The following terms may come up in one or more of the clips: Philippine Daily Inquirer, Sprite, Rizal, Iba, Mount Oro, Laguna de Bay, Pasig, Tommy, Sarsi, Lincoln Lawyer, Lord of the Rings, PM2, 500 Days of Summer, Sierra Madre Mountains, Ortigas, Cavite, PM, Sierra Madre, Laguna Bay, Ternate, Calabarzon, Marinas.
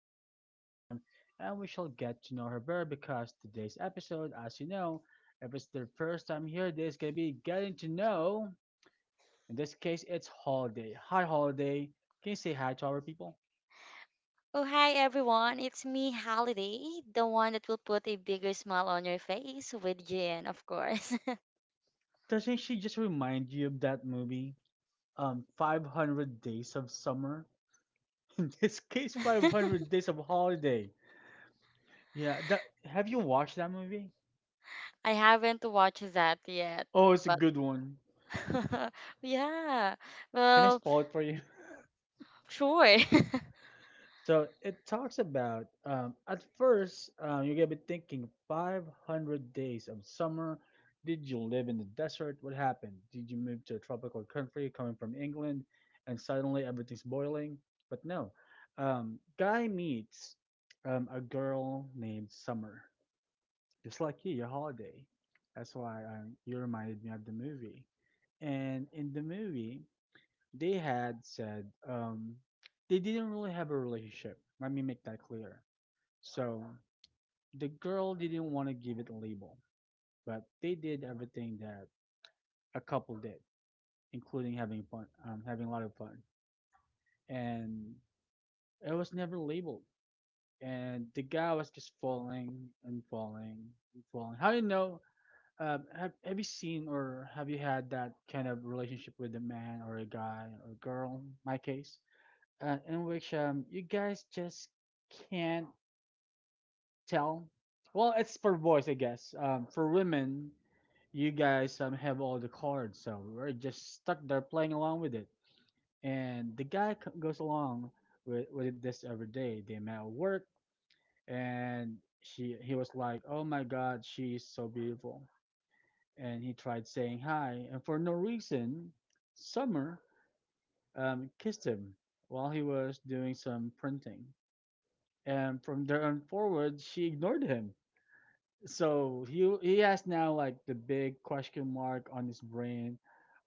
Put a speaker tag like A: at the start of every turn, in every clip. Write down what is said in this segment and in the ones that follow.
A: for the first time. And we shall get to know her better because today's episode, as you know, if it's their first time here, this can be getting to know. In this case, it's Holiday. Hi, Holiday. Can you say hi to our people?
B: Oh, hi everyone. It's me, Holiday, the one that will put a bigger smile on your face with Jen, of course.
A: Doesn't she just remind you of that movie, 500 Days of Summer? In this case, 500 Days of Holiday. Yeah, that have you watched that movie?
B: I haven't watched that yet,
A: Oh, it's a
B: but
A: good one.
B: yeah,
A: Can I
B: well,
A: spoil it for you?
B: sure.
A: So it talks about at first, you're gonna be thinking 500 days of summer. Did you live in the desert? What happened? Did you move to a tropical country coming from England, and suddenly everything's boiling? But no, guy meets a girl named Summer, just like you, your Holiday. That's why you reminded me of the movie. And in the movie, they had said they didn't really have a relationship. Let me make that clear. So the girl didn't want to give it a label, but they did everything that a couple did, including having fun, having a lot of fun. And it was never labeled. And the guy was just falling and falling and falling. How do you know? Have you seen or have you had that kind of relationship with a man or a guy or a girl? My case, in which you guys just can't tell. Well, it's for boys, I guess. For women, you guys have all the cards, so we're just stuck there playing along with it. And the goes along with this every day. They met at work, and she he was like, "Oh my God, she's so beautiful," and he tried saying hi. And for no reason, Summer kissed him while he was doing some printing. And from there on forward, she ignored him. So he has now like the big question mark on his brain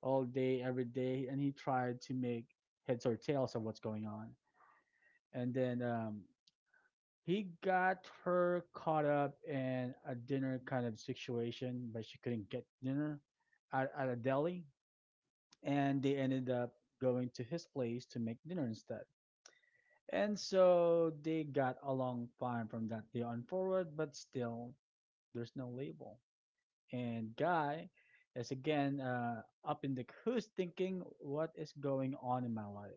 A: all day, every day, and he tried to make heads or tails of what's going on. And then he got her caught up in a dinner kind of situation, but she couldn't get dinner at a deli and they ended up going to his place to make dinner instead. And so they got along fine from that day on forward, but still, there's no label. And Guy is again up in the who's thinking, what is going on in my life?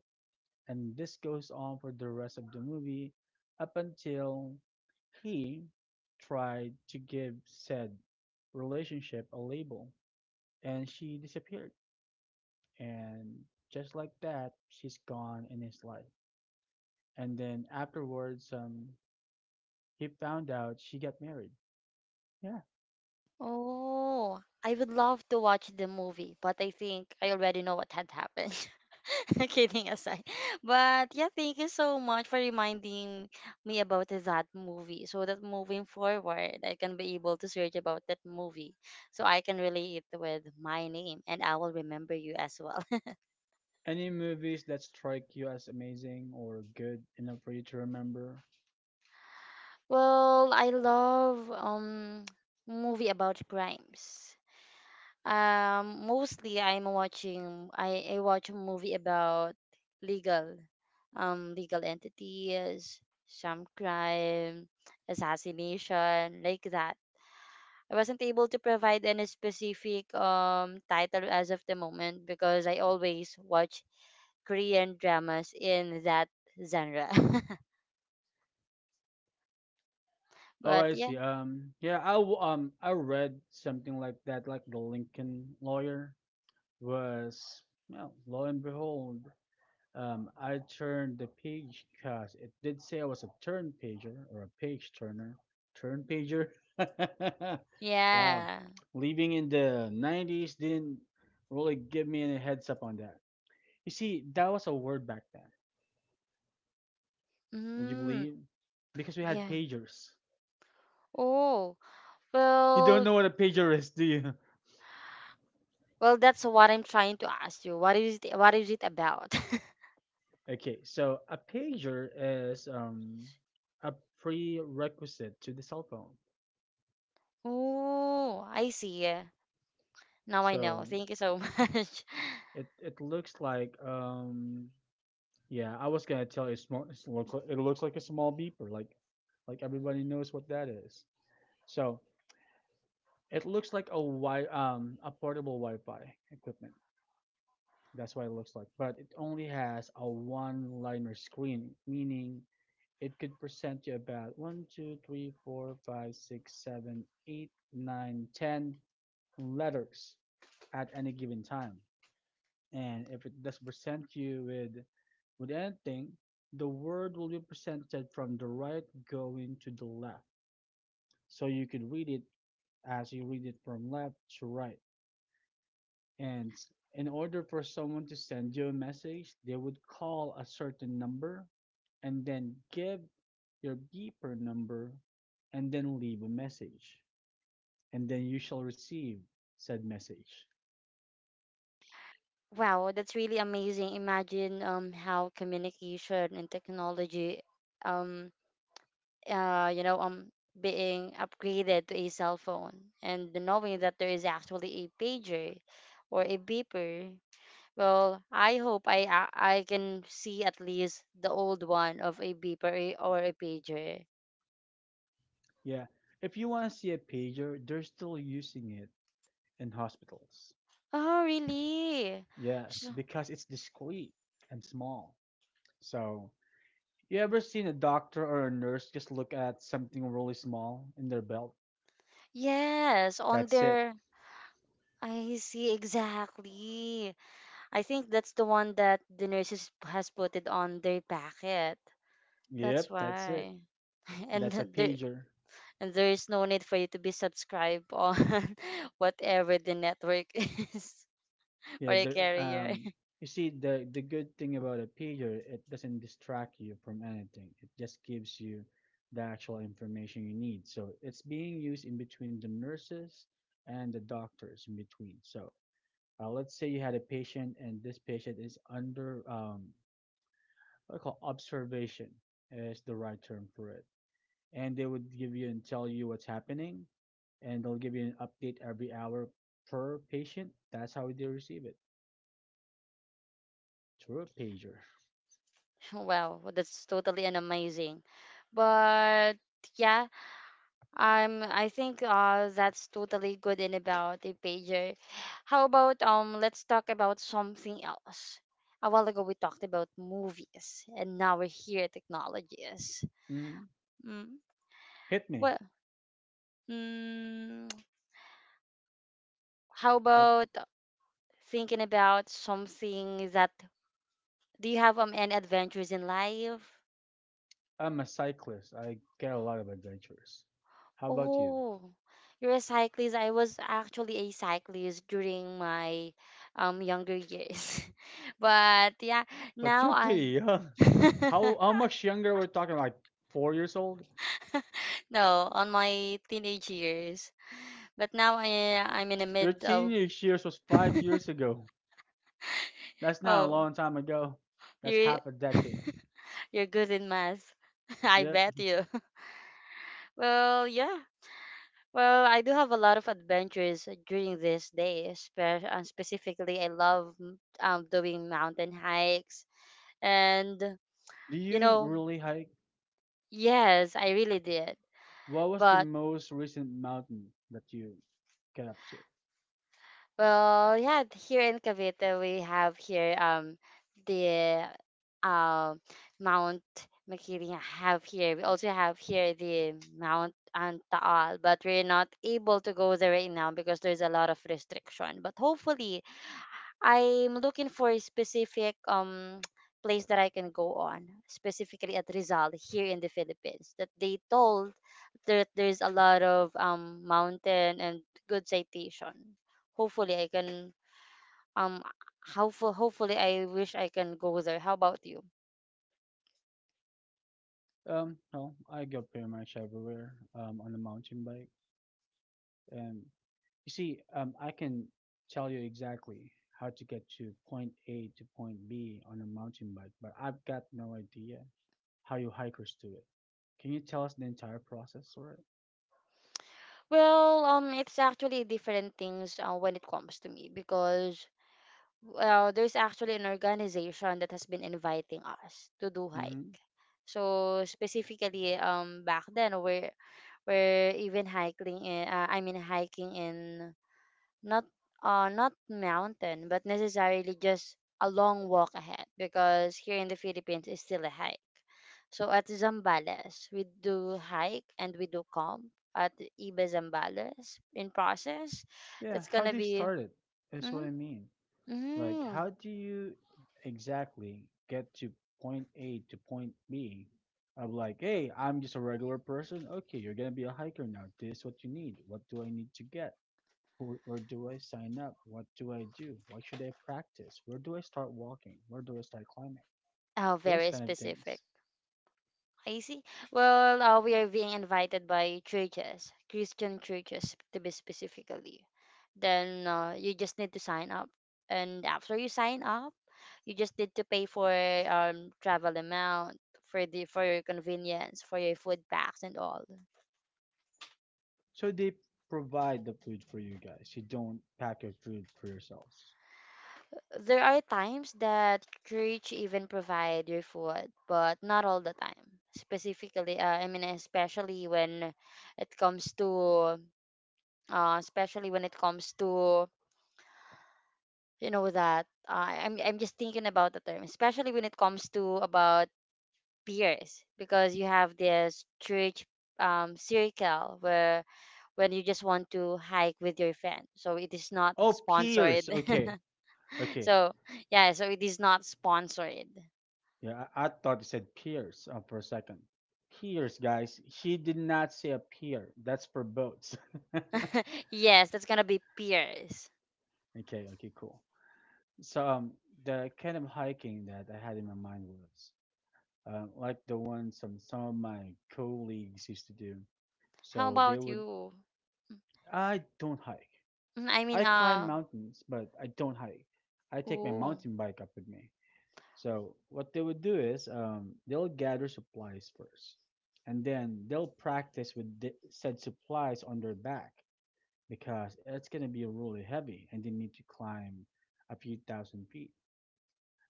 A: And this goes on for the rest of the movie up until he tried to give said relationship a label and she disappeared. And just like that, she's gone in his life. And then afterwards, he found out she got married. Yeah.
B: Oh, I would love to watch the movie, but I think I already know what had happened. Kidding aside. But yeah, thank you so much for reminding me about that movie so that moving forward, I can be able to search about that movie so I can relate it with my name and I will remember you as well.
A: Any movies that strike you as amazing or good enough for you to remember?
B: Well, I love movie about crimes. Mostly I watch a movie about legal legal entities, some crime, assassination, like that. I wasn't able to provide any specific title as of the moment because I always watch Korean dramas in that genre.
A: Oh,
B: But
A: I
B: yeah,
A: see. Yeah, I read something like that, like the Lincoln Lawyer was, well, lo and behold, I turned the page because it did say I was a turn pager or a page turner. Turn pager. Wow.
B: yeah.
A: Living in the 90s didn't really give me any heads up on that. You see, that was a word back then. Would you
B: Mm,
A: believe? Because we had
B: yeah.
A: pagers.
B: Oh,
A: You don't
B: well,
A: know what a pager is, do you?
B: That's what I'm trying to ask you. What is it about?
A: Okay, so a pager is a prerequisite to the cell phone.
B: Oh, I see. Now I know.
A: So
B: Thank you so much.
A: it looks like yeah, I was gonna tell you. Small, it looks like a small beeper, like everybody knows what that is. So it looks like a a portable Wi-Fi equipment. That's what it looks like, but it only has a one-liner screen, meaning it could present you about one, two, three, four, five, six, seven, eight, nine, ten letters at any given time. And if it does present you with anything, the word will be presented from the right going to the left. So you could read it as you read it from left to right. And in order for someone to send you a message, they would call a certain number and then give your beeper number and then leave a message. And then you shall receive said message.
B: Wow, that's really amazing. Imagine how communication and technology um being upgraded to a cell phone and knowing that there is actually a pager or a beeper. Well, I hope I can see at least the old one of a beeper or a pager.
A: Yeah. If you want to see a pager, they're still using it in hospitals.
B: Oh, really?
A: Yes,
B: So,
A: because it's discreet and small. So, you ever seen a doctor or a nurse just look at something really small in their belt?
B: yes, on
A: That's it.
B: their. I see exactly. I think that's the one that the nurses has put it on their packet. That's
A: Yep, that's it.
B: why.
A: That's a
B: There
A: pager.
B: And there is no need for you to be subscribed on whatever the network is or
A: Yeah,
B: a carrier.
A: you see, the good thing about a pager, it doesn't distract you from anything. It just gives you the actual information you need. So it's being used in between the nurses and the doctors in between. So let's say you had a patient, and this patient is under what I call observation is the right term for it. And they would give you and tell you what's happening, and they'll give you an update every hour per patient. That's how they receive it through a pager.
B: Wow, that's totally an amazing. But yeah, I think that's totally good and about the pager. How about let's talk about something else. A while ago we talked about movies and now we're here at technologies.
A: Hmm.
B: Mm.
A: Hit me.
B: Well, mm, how
A: What?
B: about thinking about something that do you have any adventures in life?
A: I'm a cyclist. I get a lot of adventures. How about you?
B: Oh, you're a cyclist. I was actually a cyclist during my younger years. But yeah,
A: But
B: now
A: you're
B: I
A: pretty young. How much younger we're talking? Like 4 years old?
B: no, on my teenage years. But now I'm in the
A: Your
B: mid of
A: teenage years was 5 years ago. That's not a
B: oh,
A: long time ago. That's
B: you
A: half a decade.
B: you're good in math. I
A: Yep.
B: bet you. Well, yeah. Well, I do have a lot of adventures during this day. Specifically, I love doing mountain hikes and
A: Do
B: you
A: you
B: know,
A: really hike?
B: yes, I really did.
A: What was the
B: But
A: most recent mountain that you get up to?
B: well, yeah, here in Cavite we have here the um Mount Makili have here. We also have here the Mount Antaal, but we're not able to go there right now because there's a lot of restriction. But hopefully I'm looking for a specific place that I can go on, specifically at Rizal here in the Philippines. That they told that there's a lot of mountain and good citation. Hopefully I can um hopefully I wish I can go there. How about you?
A: No, I go pretty much everywhere on a mountain bike. And you see, I can tell you exactly how to get to point A to point B on a mountain bike, but I've got no idea how you hikers do it. Can you tell us the entire process for it?
B: Well, it's actually different things when it comes to me because well, there's actually an organization that has been inviting us to do
A: Mm-hmm.
B: hike. So specifically, back then we're even hiking. I mean, hiking in not not mountain, but necessarily just a long walk ahead because here in the Philippines it's still a hike. So at Zambales, we do hike and we do camp at Iba Zambales in process.
A: Yeah,
B: That's
A: how
B: gonna
A: they
B: be.
A: started. That's what I
B: Mm-hmm,
A: mean. Like,
B: mm-hmm.
A: how do you exactly get to point A to point B? I'm like, hey, I'm just a regular person. Okay, you're gonna be a hiker now. This is what you need. What do I need to get? Who, where do I sign up? What do I do? What should I practice? Where do I start walking? Where do I start climbing?
B: Oh,
A: Those
B: very
A: kind of
B: specific.
A: things.
B: I see. Well, we are being invited by churches, Christian churches to be specifically. Then you just need to sign up, and after you sign up, you just need to pay for travel amount for the for your convenience, for your food packs and all.
A: So they provide the food for you guys. You don't pack your food for yourselves.
B: There are times that church even provide your food, but not all the time. Specifically, I mean, especially when it comes to especially when it comes to you know that I'm just thinking about the term, especially when it comes to about peers, because you have this church circle where when you just want to hike with your friend, so it is not
A: Oh,
B: sponsored.
A: peers. Okay, okay.
B: so yeah, so it is not sponsored.
A: Yeah, I thought you said peers for a second. Peers, guys. She did not say a pier. That's for boats.
B: yes, that's gonna be peers.
A: Okay, okay, cool. So the kind of hiking that I had in my mind was like the one some of my colleagues used to do.
B: How
A: So they
B: about
A: would.
B: you?
A: I don't hike.
B: Mm, I mean,
A: I climb
B: uh,
A: mountains, but I don't hike. I take my
B: ooh.
A: mountain bike up with me. So what they would do is they'll gather supplies first, and then they'll practice with the said supplies on their back because it's gonna be really heavy, and they need to climb a few thousand feet.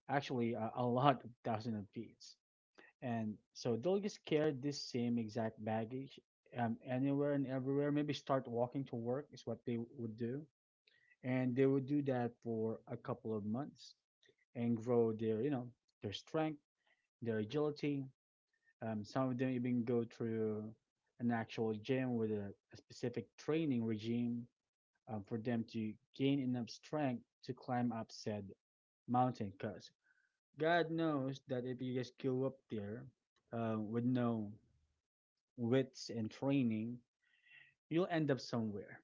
A: Actually, a lot of thousand of feet. And so they'll just carry this same exact baggage anywhere and everywhere. Maybe start walking to work is what they would do, and they would do that for a couple of months and grow their, you know, their strength, their agility. Some of them even go through an actual gym with a specific training regime for them to gain enough strength to climb up said mountain. Because God knows that if you just go up there with no wits and training, you'll end up somewhere.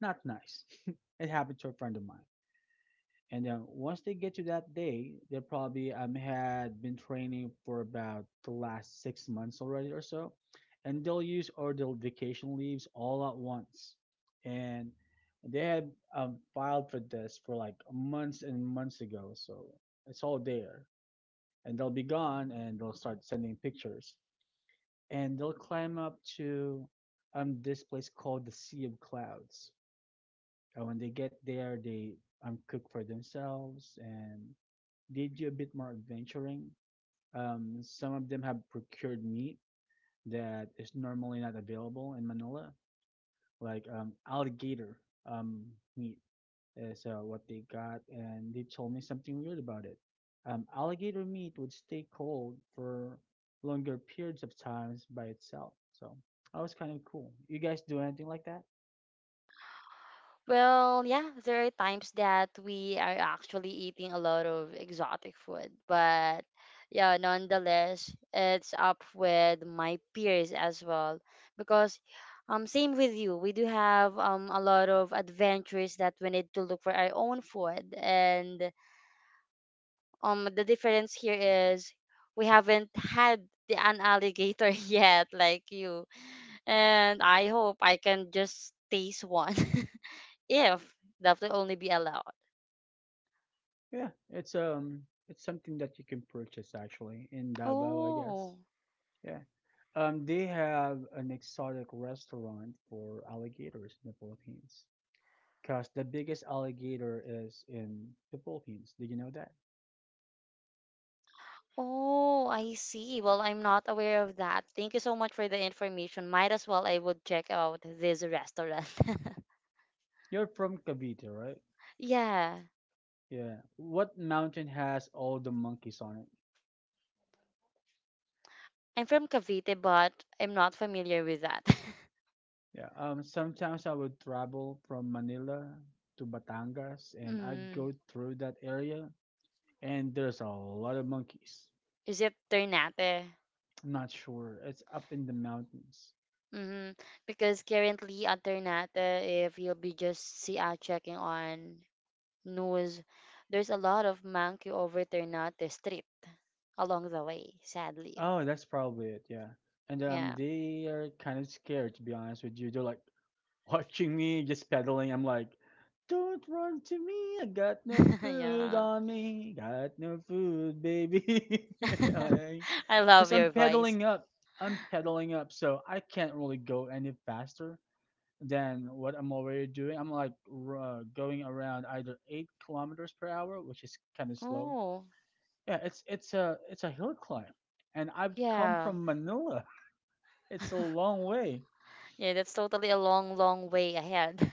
A: Not nice. It happened to a friend of mine. And then once they get to that day, they probably had been training for about the last 6 months already or so, and they'll use all their vacation leaves all at once. And they had filed for this for like months and months ago, so it's all there. And they'll be gone, and they'll start sending pictures, and they'll climb up to this place called the Sea of Clouds. And when they get there, they cook for themselves and they do a bit more adventuring. Some of them have procured meat that is normally not available in Manila, like alligator um, meat is what they got, and they told me something weird about it. Alligator meat would stay cold for longer periods of times by itself, so that was kind of cool. You guys do anything like that?
B: Well, yeah, there are times that we are actually eating a lot of exotic food, but yeah, nonetheless, it's up with my peers as well because same with you. We do have a lot of adventures that we need to look for our own food and the difference here is we haven't had the an alligator yet like you. And I hope I can just taste one. If that will only be allowed.
A: Yeah, it's something that you can purchase actually in Davao, I guess.
B: Oh,
A: Yeah. They have an exotic restaurant for alligators in the Philippines. Because the biggest alligator is in the Philippines. Did you know that?
B: oh, I see. Well, I'm not aware of that. Thank you so much for the information. Might as well I would check out this restaurant.
A: You're from Cavite, right?
B: yeah,
A: Yeah. What mountain has all the monkeys on it?
B: I'm from Cavite, but I'm not familiar with that.
A: Yeah. Sometimes I would travel from Manila to Batangas, and I'd go
B: mm.
A: through that area, and there's a lot of monkeys.
B: Is it Ternate?
A: I'm not sure. It's up in the mountains.
B: Mm-hmm. Because currently at Ternate, if you'll be just see checking on news, there's a lot of monkey over Ternate Street along the way, sadly.
A: Oh, that's probably it. Yeah, and
B: Yeah.
A: they are kind of scared, to be honest with you. They're like watching me just pedaling. I'm like, don't run to me. I got no food
B: yeah.
A: on me. Got no food, baby. Like,
B: I
A: cause
B: love
A: I'm
B: your voice.
A: pedaling up. I'm pedaling up, so I can't really go any faster than what I'm already doing. I'm like going around either 8 kilometers per hour, which is kind of slow.
B: Oh,
A: Yeah, it's a hill climb, and I've come
B: yeah.
A: from Manila. It's a long way.
B: Yeah, that's totally a long, long way ahead.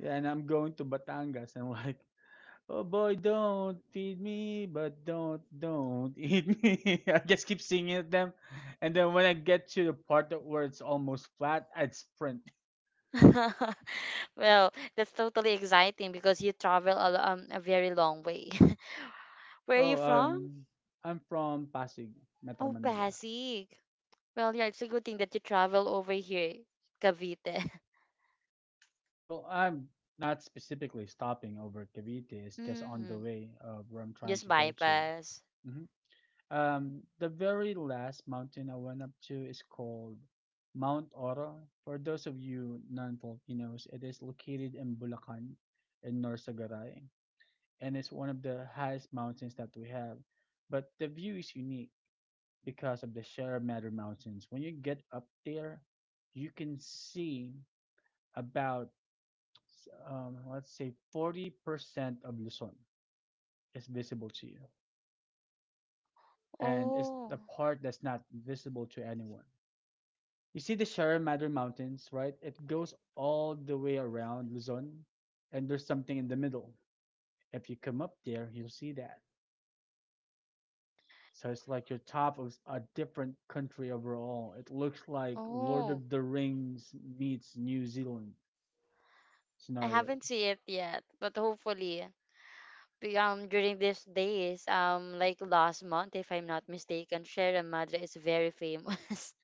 A: Yeah, and I'm going to Batangas, and like, oh boy, don't feed me, but don't eat me. I just keep singing at them, and then when I get to the part that where it's almost flat, I'd sprint.
B: Well, that's totally exciting because you travel a very long way. Where are you
A: Oh,
B: from?
A: I'm from Pasig, Metro
B: Oh,
A: Manila.
B: Pasig. Well, yeah, it's a good thing that you travel over here, Cavite.
A: Well, I'm not specifically stopping over Cavite. It's just on the
B: Mm,
A: way of where I'm trying
B: just
A: to go to.
B: bypass.
A: Mhm. The very last mountain I went up to is called Mount Oro. For those of you non-Filipinos, it is located in Bulacan, in North Sagaray, and it's one of the highest mountains that we have. But the view is unique because of the Sierra Madre Mountains. When you get up there, you can see about, let's say, 40% of Luzon is visible to you, and it's
B: Oh,
A: the part that's not visible to anyone. You see the Sierra Madre Mountains, right? It goes all the way around Luzon, and there's something in the middle. If you come up there, you'll see that. So it's like you top of a different country overall. It looks like Lord
B: oh,
A: of the Rings meets New Zealand
B: I
A: scenario.
B: haven't seen it yet, but hopefully during these days like last month if I'm not mistaken Sierra Madre is very famous.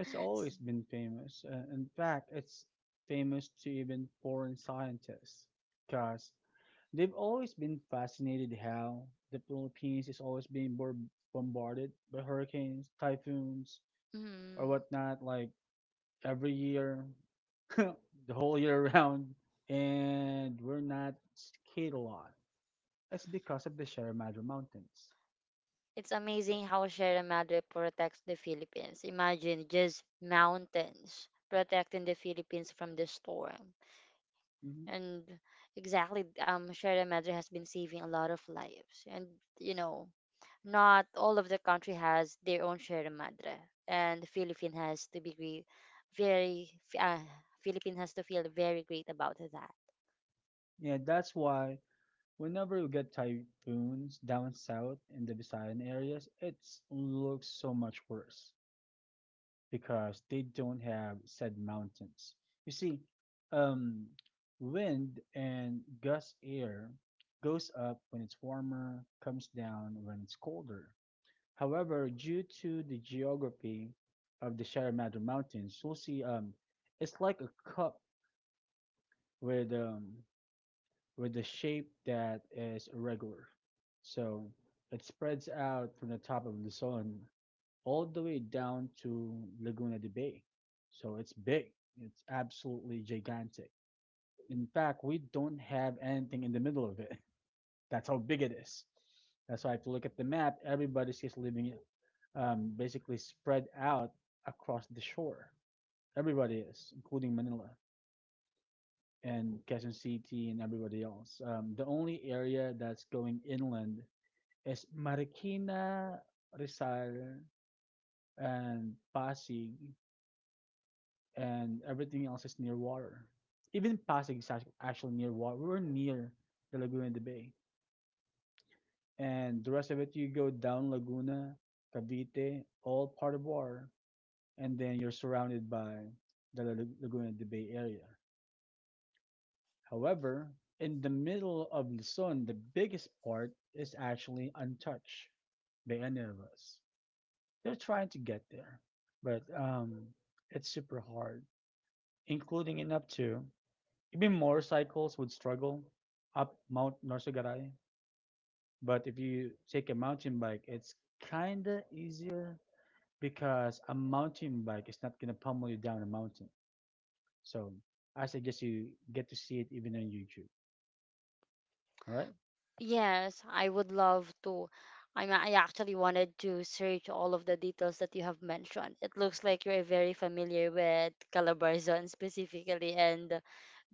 A: It's always been famous. In fact, it's famous to even foreign scientists, because they've always been fascinated how the Philippines is always being bombarded by hurricanes, typhoons, or
B: Mm.
A: whatnot, like every year, the whole year round, and we're not skate a lot. It's because of the Sierra Madre Mountains.
B: It's amazing how Sierra Madre protects the Philippines. Imagine just mountains protecting the Philippines from the storm
A: Hmm.
B: and exactly Sierra Madre has been saving a lot of lives and you know not all of the country has their own Sierra Madre, and Philippine has to be great, very uh, Philippine has to feel very great about that.
A: Yeah, that's why whenever you get typhoons down south in the Visayan areas, it looks so much worse, because they don't have said mountains. You see, um, wind and gust air goes up when it's warmer, comes down when it's colder. However, due to the geography of the Sierra Madre Mountains, we will see, it's like a cup with, with a shape that is irregular. So it spreads out from the top of Luzon all the way down to Laguna de Bay. So it's big. It's absolutely gigantic. In fact, we don't have anything in the middle of it. That's how big it is. That's why if you look at the map, everybody's just living, basically spread out across the shore. Everybody is, including Manila and Quezon City and everybody else. The only area that's going inland is Marikina, Rizal, and Pasig, and everything else is near water. Even Pasig is actually near water. We're near the Laguna and the Bay, and the rest of it you go down Laguna, Cavite, all part of water, and then you're surrounded by the Laguna and the Bay area. However, in the middle of Luzon, the biggest part is actually untouched by any of us. They're trying to get there, but it's super hard, including in up to even motorcycles would struggle up Mount Norsugaray. But if you take a mountain bike, it's kinda easier because a mountain bike is not gonna pummel you down a mountain. So I suggest you get to see it even on YouTube. All right.
B: Yes, I would love to. I mean, I actually wanted to search all of the details that you have mentioned. It looks like you're very familiar with Calabarzon specifically and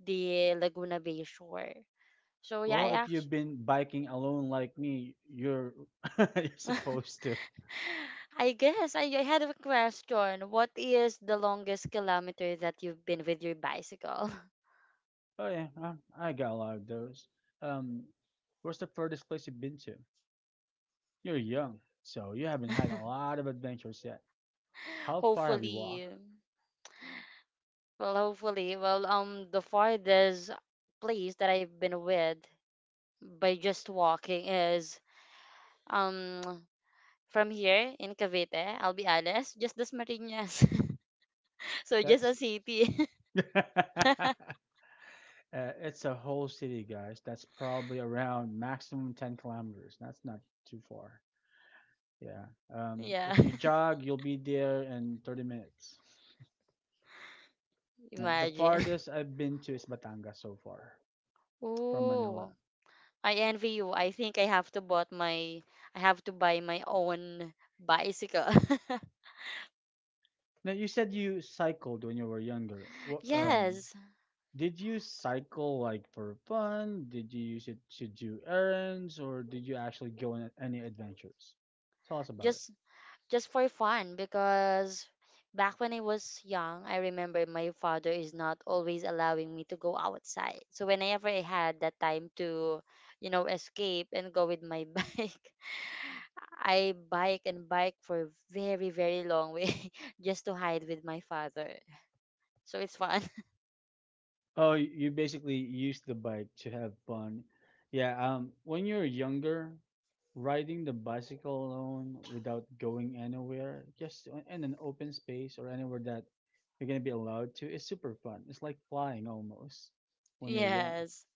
B: the Laguna Bay shore. So yeah,
A: Well,
B: I
A: if you've been biking alone like me, you're you're
B: actually
A: supposed to.
B: I guess I had a question. What is the longest kilometer that you've been with your bicycle?
A: Oh yeah, I got a lot of those. Um, Where's the furthest place you've been to? You're young, so you haven't had a lot of adventures yet. How far have you walked?
B: hopefully, well, the farthest place that I've been with by just walking is um from here in Cavite. I'll be honest, just this Marinas, so just a
A: That's
B: city.
A: uh, it's a whole city, guys. That's probably around maximum 10 kilometers. That's not too far. Yeah.
B: yeah,
A: If you jog, you'll be there in 30 minutes. The
B: imagine.
A: farthest I've been to is Batangas so far from Manila.
B: Ooh, I envy you. I have to buy my own bicycle.
A: Now, you said you cycled when you were younger.
B: yes,
A: Did you cycle like for fun? Did you use it to do errands, or did you actually go on any adventures? Tell us about it.
B: just just for fun because back when I was young, I remember my father is not always allowing me to go outside. So whenever I had that time to, you know, escape and go with my bike, I bike and bike for very very long way just to hide with my father. So it's fun.
A: Oh, you basically use the bike to have fun. Yeah, when you're younger, riding the bicycle alone without going anywhere, just in an open space or anywhere that you're gonna be allowed to, is super fun. It's like flying almost when you're young.
B: Yes.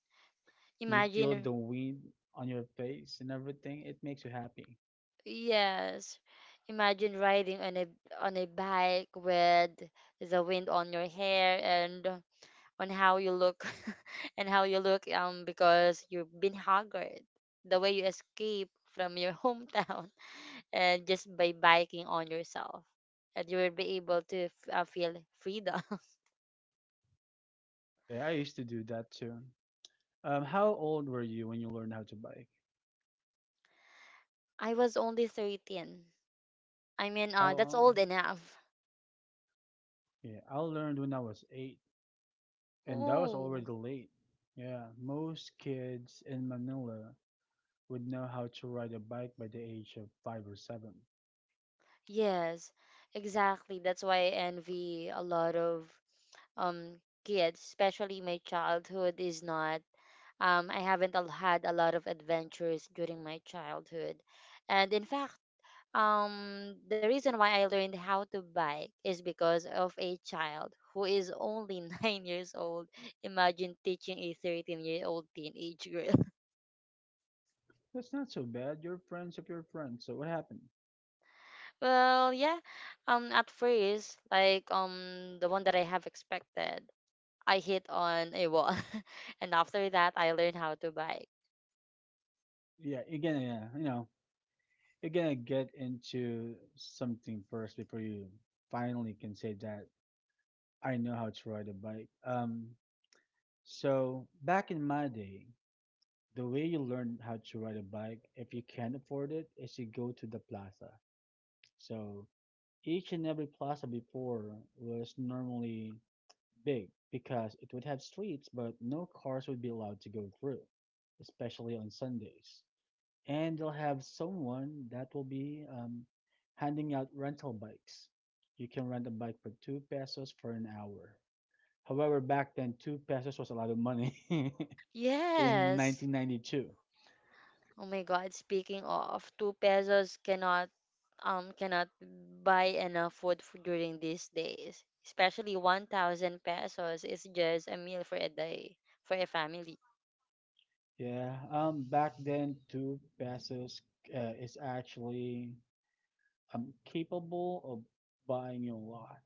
A: You feel
B: Imagine.
A: the wind on your face and everything. It makes you happy.
B: Yes. Imagine riding on a bike with the wind on your hair and on how you look and how you look because you've been hungered. The way you escape from your hometown and just by biking on yourself and you will be able to feel freedom.
A: Yeah, I used to do that too. How old were you when you learned how to bike?
B: I was only 13. I mean,
A: I,
B: that's old
A: um,
B: enough.
A: yeah, I learned when I was eight. And that was
B: Ooh.
A: already late. Yeah, most kids in Manila would know how to ride a bike by the age of five or seven.
B: Yes, exactly. That's why I envy a lot of um kids, especially my childhood is not I haven't al- had a lot of adventures during my childhood. And in fact, the reason why I learned how to bike is because of a child who is only 9 years old. Imagine teaching a 13-year-old teenage girl.
A: That's not so bad. You're friends of your friends. So what happened?
B: well, yeah. At first, like the one that I have expected, I hit on a wall. and after that, I learned how to bike.
A: Yeah, you're gonna, yeah, you know, you're gonna get into something first before you finally can say that I know how to ride a bike. So back in my day, the way you learn how to ride a bike, if you can't afford it, is you go to the plaza. So each and every plaza before was normally big because it would have streets, but no cars would be allowed to go through, especially on Sundays. And they'll have someone that will be handing out rental bikes. You can rent a bike for two pesos for an hour. However, back then, two pesos was a lot of money in
B: Yes.
A: 1992.
B: Oh my God, speaking of, 2 pesos cannot buy enough food during these days. Especially 1,000 pesos is just a meal for a day for a family.
A: Yeah, back then, two pesos is actually I capable of buying a lot.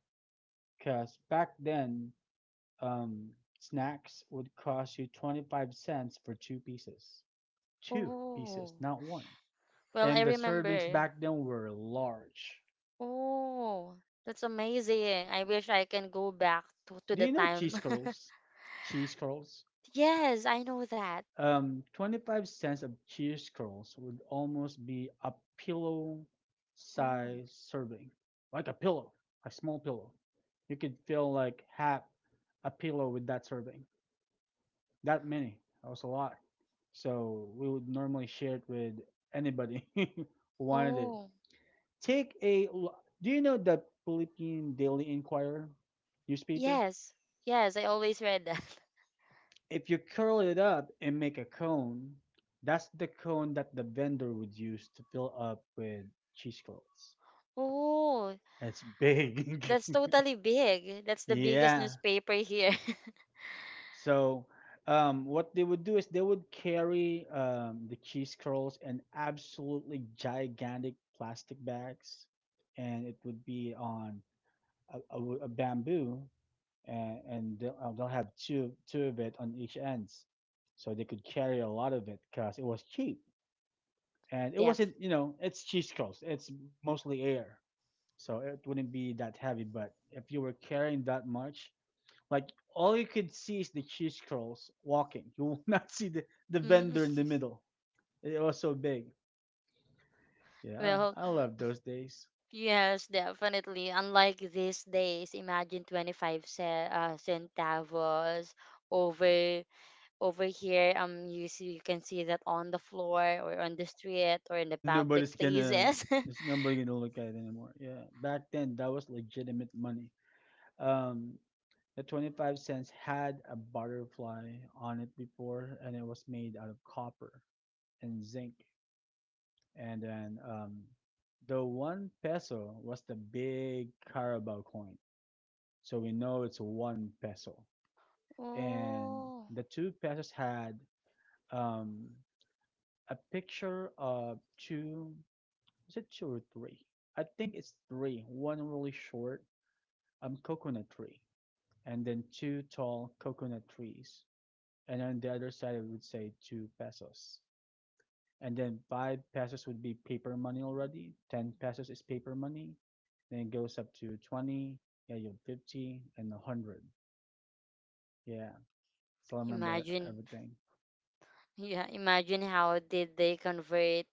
A: Because back then, um, snacks would cost you 25 cents for two pieces. Two pieces,
B: Oh,
A: not one.
B: well, I
A: And the servings
B: remember.
A: back then were large.
B: Oh, that's amazing. I wish I can go back to
A: Do
B: the
A: you know
B: time.
A: cheese curls? Cheese curls?
B: Yes, I know that.
A: 25 cents of cheese curls would almost be a pillow
B: Oh,
A: size serving, like a pillow, a small pillow. You could fill like half a pillow with that serving. That many. That was a lot. So we would normally share it with anybody who wanted it.
B: oh,
A: Take a. Do you know the Philippine Daily Inquirer newspaper?
B: yes, yes, I always read that.
A: If you curl it up and make a cone, that's the cone that the vendor would use to fill up with cheesecloths.
B: Oh,
A: It's big.
B: that's totally big. That's the biggest
A: Yeah.
B: newspaper here.
A: So what they would do is they would carry the cheese curls in absolutely gigantic plastic bags, and it would be on a bamboo, and they'll have two of it on each ends, so they could carry a lot of it because it was cheap, and it
B: Def.
A: wasn't, you know, it's cheese curls, it's mostly air, so it wouldn't be that heavy. But if you were carrying that much, like all you could see is the cheese curls walking. You will not see the
B: Mm.
A: vendor in the middle. It was so big. Yeah,
B: Well,
A: I love those days.
B: yes, definitely. Unlike these days, imagine 25 centavos over over here. You see, you can see that on the floor or on the street or in the
A: And
B: public
A: nobody's gonna
B: places.
A: there's nobody gonna look at it anymore. Yeah. Back then that was legitimate money. Um the 25 cents had a butterfly on it before, and it was made out of copper and zinc. And then the one peso was the big Carabao coin. So we know it's one peso. And
B: oh,
A: the two pesos had, um, a picture of two. Is it two or three? I think it's three. One really short, coconut tree, and then two tall coconut trees. And on the other side, it would say two pesos. And then five pesos would be paper money already. Ten pesos is paper money. Then it goes up to 20. Yeah, you have 50 and 100. Yeah, still remember
B: imagine,
A: everything.
B: yeah, imagine how did they convert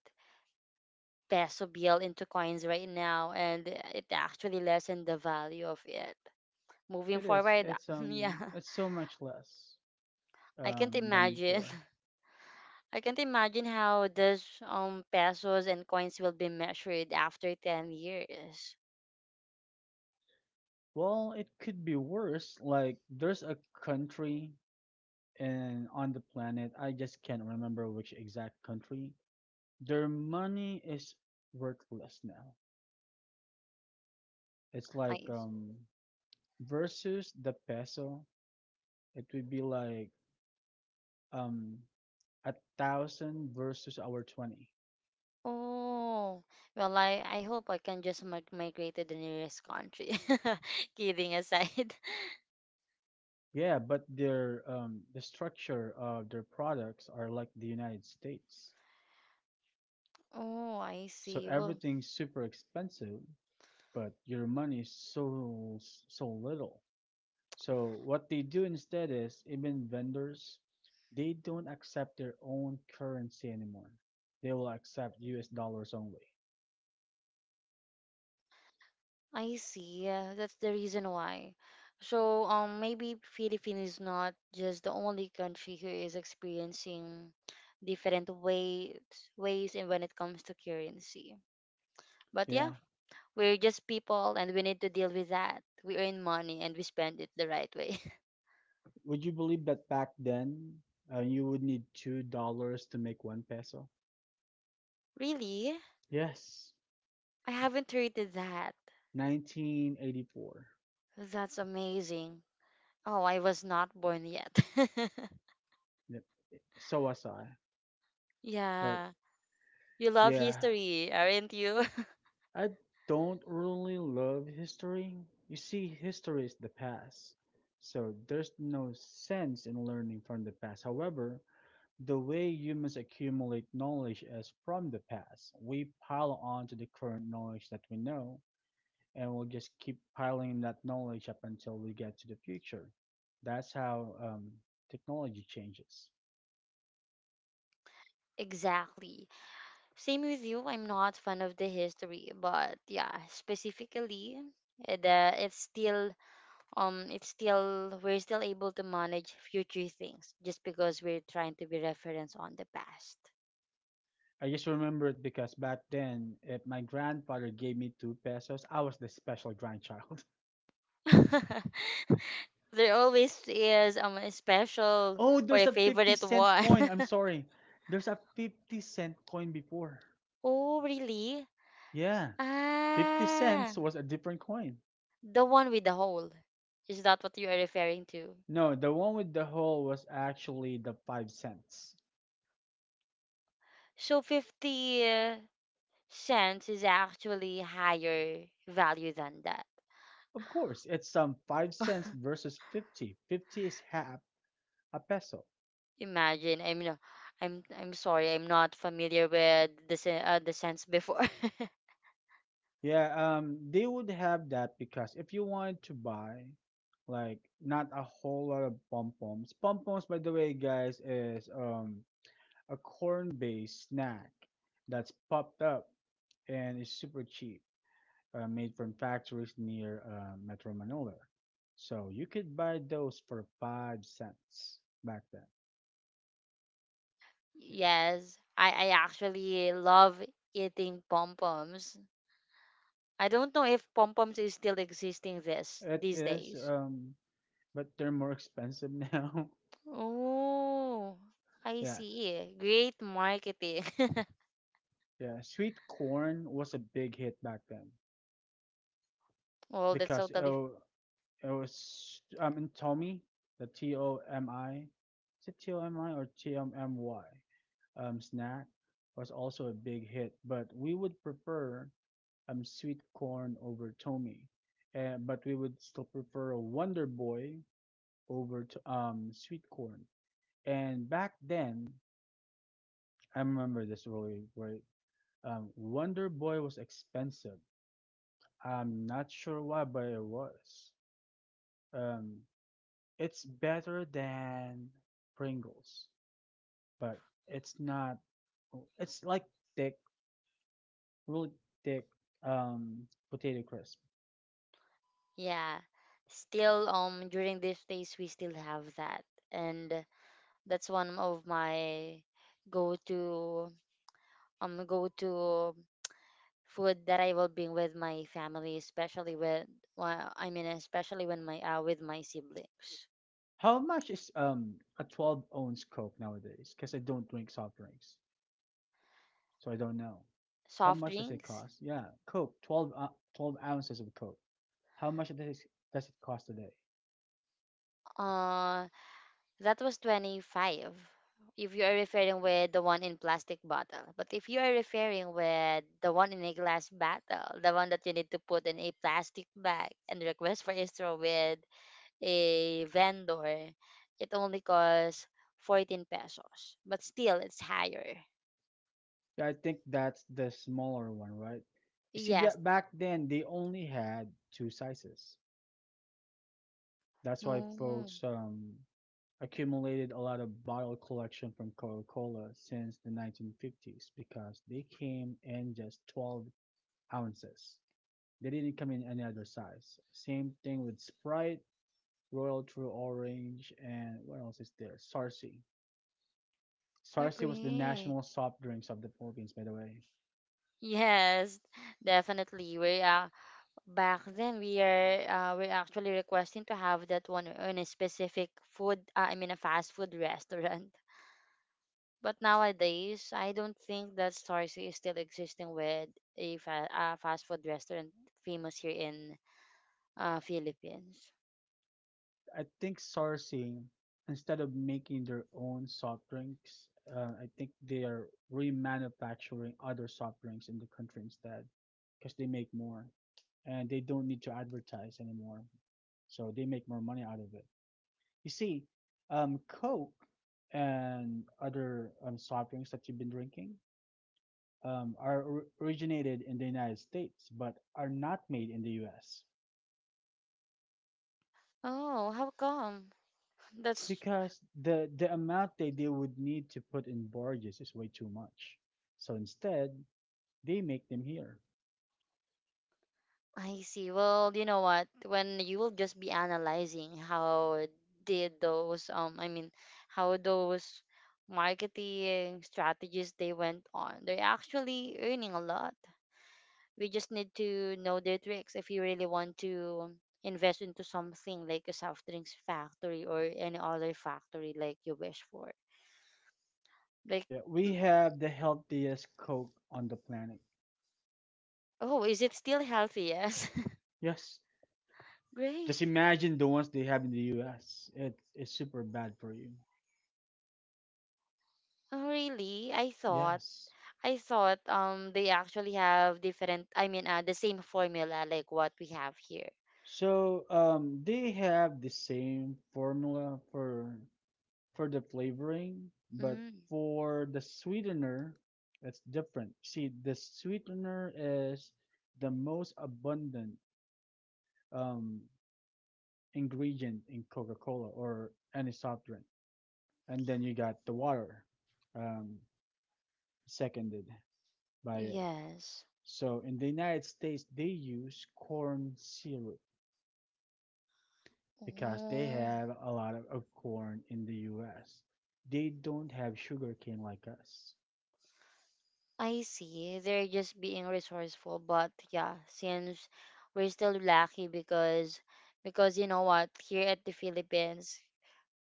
B: peso bill into coins right now, and it actually lessened the value of it. Moving
A: It is.
B: forward. yeah
A: It's so much less
B: i can't
A: than
B: imagine.
A: before.
B: I can't imagine how this pesos and coins will be measured after 10 years.
A: Well, it could be worse. Like there's a country in on the planet, I just can't remember which exact country. Their money is worthless now. It's like
B: I,
A: versus the peso, it would be like um 1,000 versus our 20.
B: oh, well I hope I can just migrate to the nearest country. kidding aside.
A: Yeah, but their the structure of their products are like the United States.
B: oh, I
A: So
B: see. Well,
A: everything's super expensive, but your money is so so little. So what they do instead is even vendors, they don't accept their own currency anymore. They will accept US dollars only.
B: I see. Yeah, that's the reason why. So, maybe Philippines is not just the only country who is experiencing different ways and when it comes to currency. But
A: Yeah.
B: yeah, we're just people and we need to deal with that. We earn money and we spend it the right way.
A: Would you believe that back then, you would need $2 to make one peso?
B: Really?
A: Yes.
B: I haven't heard that.
A: 1984.
B: That's amazing. Oh, I was not born yet.
A: Yep. So was I. But
B: yeah. You love
A: yeah,
B: history, aren't you?
A: I don't really love history. You see, history is the past, so there's no sense in learning from the past. However, the way humans accumulate knowledge is from the past. We pile on to the current knowledge that we know, and we'll just keep piling that knowledge up until we get to the future. That's how technology changes.
B: Exactly. Same with you. I'm not fan of the history, but yeah, specifically, the it's still we're still able to manage future things just because we're trying to be reference on the past.
A: I just remember it because back then, if my grandfather gave me two pesos, I was the special grandchild.
B: there always is a special
A: Oh,
B: or
A: there's
B: a
A: a 50
B: favorite
A: cent
B: one.
A: coin. I'm sorry. There's a 50 cent coin before.
B: oh, really?
A: Yeah. 50
B: Ah,
A: cents was a different coin.
B: the one with the hole. Is that what you are referring to?
A: No, the one with the hole was actually the 5 cents.
B: So 50. Cents is actually higher value than that.
A: Of course, it's some 5 cents versus 50. 50 is half a peso.
B: Imagine, I'm sorry, I'm not familiar with the the cents before.
A: Yeah, they would have that because if you wanted to buy like not a whole lot of pom-poms. Pom-poms, by the way, guys, is a corn-based snack that's popped up and it's super cheap, made from factories near Metro Manila. So you could buy those for 5 cents back then.
B: yes, I actually love eating pom poms. I don't know if pom poms is still existing this
A: Yeah, it
B: these
A: is.
B: days.
A: But they're more expensive now.
B: Oh, I
A: Yeah,
B: see. Great marketing.
A: yeah. Sweet corn was a big hit back then
B: well, that's
A: because
B: totally
A: it was in Tommy, the TOMI, is it TOMI or TOMY snack, was also a big hit. But we would prefer sweet corn over Tommy, but we would still prefer a Wonder Boy over to, sweet corn. And back then, I remember this really great. Wonder Boy was expensive. I'm not sure why, but it was. Um, it's better than Pringles, but it's not. It's like thick, really thick, um, potato crisp.
B: yeah. Still, during these days we still have that, and that's one of my go-to go-to food that I will bring with my family, especially with well, especially when my with my siblings.
A: How much is a 12-ounce Coke nowadays? Because I don't drink soft drinks, so I don't know. How
B: Soft
A: much does it
B: drinks.
A: cost? Yeah, Coke, 12 ounces of Coke. How much does it cost today?
B: Uh, that was 25. If you are referring with the one in plastic bottle, but if you are referring with the one in a glass bottle, the one that you need to put in a plastic bag and request for a straw with a vendor, it only costs 14 pesos, but still it's higher.
A: Yeah, I think that's the smaller one, right? You see,
B: Yes.
A: back then they only had two sizes. That's why
B: Mm,
A: folks accumulated a lot of bottle collection from Coca-Cola since the 1950s because they came in just 12 ounces. They didn't come in any other size. Same thing with Sprite, Royal True Orange, and what else is there? Sarsi. Sarsi was the
B: agree.
A: national soft drinks of the Philippines, by the way.
B: Yes, definitely. We back then we're actually requesting to have that one in a specific food, I mean a fast food restaurant. But nowadays, I don't think that Starzy is still existing with a fast food restaurant famous here in Philippines.
A: I think Sarsi, instead of making their own soft drinks, I think they are remanufacturing other soft drinks in the country instead because they make more and they don't need to advertise anymore. So they make more money out of it. You see, Coke and other soft drinks that you've been drinking are originated in the United States, but are not made in the U.S.
B: Oh, how come? That's
A: because the amount that they would need to put in barges is way too much. So instead, they make them here.
B: I see. Well, you know what? When you will just be analyzing how did those I mean how those marketing strategies they went on. They're actually earning a lot. We just need to know their tricks if you really want to invest into something like a soft drinks factory or any other factory like you wish for. Like
A: Yeah,
B: mm,
A: we have the healthiest Coke on the planet.
B: oh, is it still healthy? Yes.
A: Yes,
B: Great.
A: just imagine the ones they have in the U.S. It's super bad for you.
B: Oh, really?
A: Yes,
B: I thought they actually have different, the same formula like what we have here.
A: so they have the same formula for the flavoring, but
B: Mm,
A: for the sweetener, it's different. See, the sweetener is the most abundant um, ingredient in Coca-Cola or any soft drink, and then you got the water, um, seconded by it.
B: yes.
A: So in the United States, they use corn syrup because they
B: Oh,
A: have a lot of corn in the US. They don't have sugarcane like us.
B: I see. They're just being resourceful, but yeah, since we're still lucky because you know what, here at the Philippines,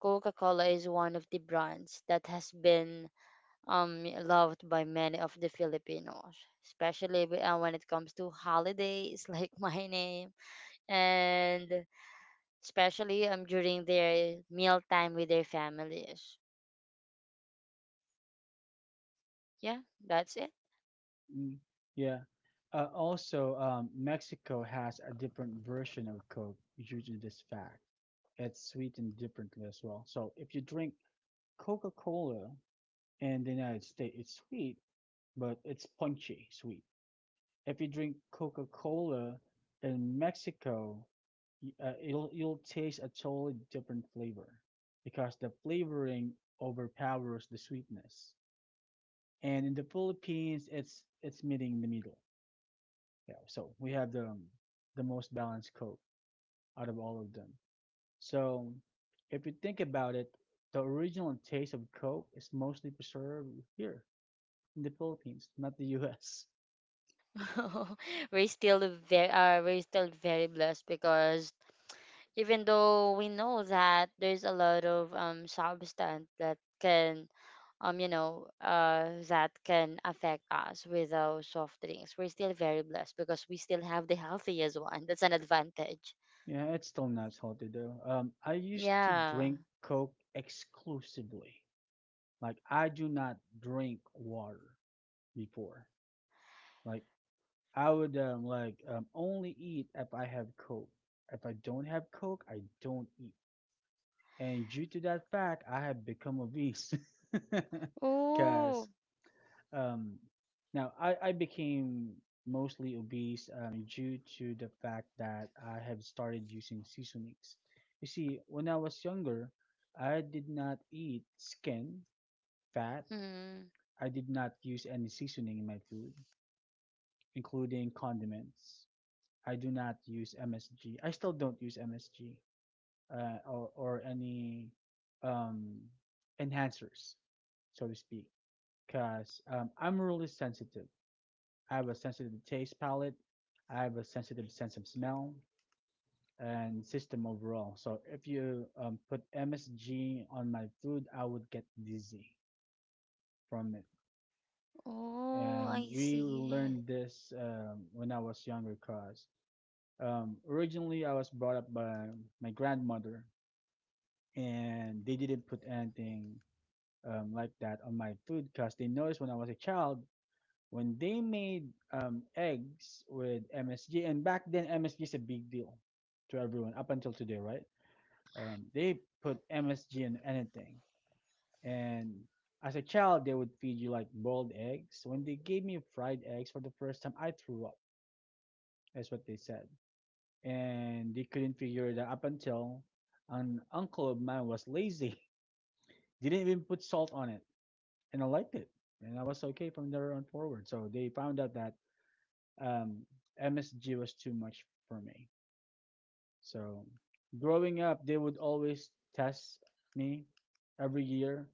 B: Coca-Cola is one of the brands that has been loved by many of the Filipinos, especially when it comes to holidays like my name and especially during their meal time with their families. Yeah, that's it.
A: Mm, yeah. Also, Mexico has a different version of Coke due to this fact. It's sweetened differently as well. So if you drink Coca Cola in the United States, it's sweet, but it's punchy sweet. If you drink Coca-Cola in Mexico, you'll taste a totally different flavor because the flavoring overpowers the sweetness. And in the Philippines, it's meeting in the middle. Yeah, so we have the most balanced Coke out of all of them. So if you think about it, the original taste of Coke is mostly preserved here in the Philippines, not the U.S.
B: We're still very blessed because even though we know that there's a lot of substance that can that can affect us with those soft drinks, we're still very blessed because we still have the healthiest one. That's an advantage.
A: Yeah, it's still not healthy though. I used to
B: Yeah.
A: drink Coke exclusively. Like I do not drink water before. Like I would like only eat if I have Coke. If I don't have Coke, I don't eat. And due to that fact, I have become obese.
B: Oh.
A: Cause Um, now, I became mostly obese due to the fact that I have started using seasonings. You see, when I was younger, I did not eat skin, fat.
B: Mm.
A: I did not use any seasoning in my food, including condiments. I do not use MSG. I still don't use MSG or any um, enhancers, so to speak, because I'm really sensitive. I have a sensitive taste palate. I have a sensitive sense of smell and system overall. So if you put MSG on my food, I would get dizzy from it.
B: Oh,
A: And
B: I
A: we
B: see.
A: learned this when I was younger because originally I was brought up by my grandmother and they didn't put anything like that on my food because they noticed when I was a child, when they made eggs with MSG, and back then MSG is a big deal to everyone up until today, right? They put MSG in anything, and as a child they would feed you like boiled eggs. When they gave me fried eggs for the first time, I threw up. That's what they said, and they couldn't figure it out up until an uncle of mine was lazy. They didn't even put salt on it, and I liked it, and I was okay from there on forward. So they found out that um, MSG was too much for me. So growing up, they would always test me every year.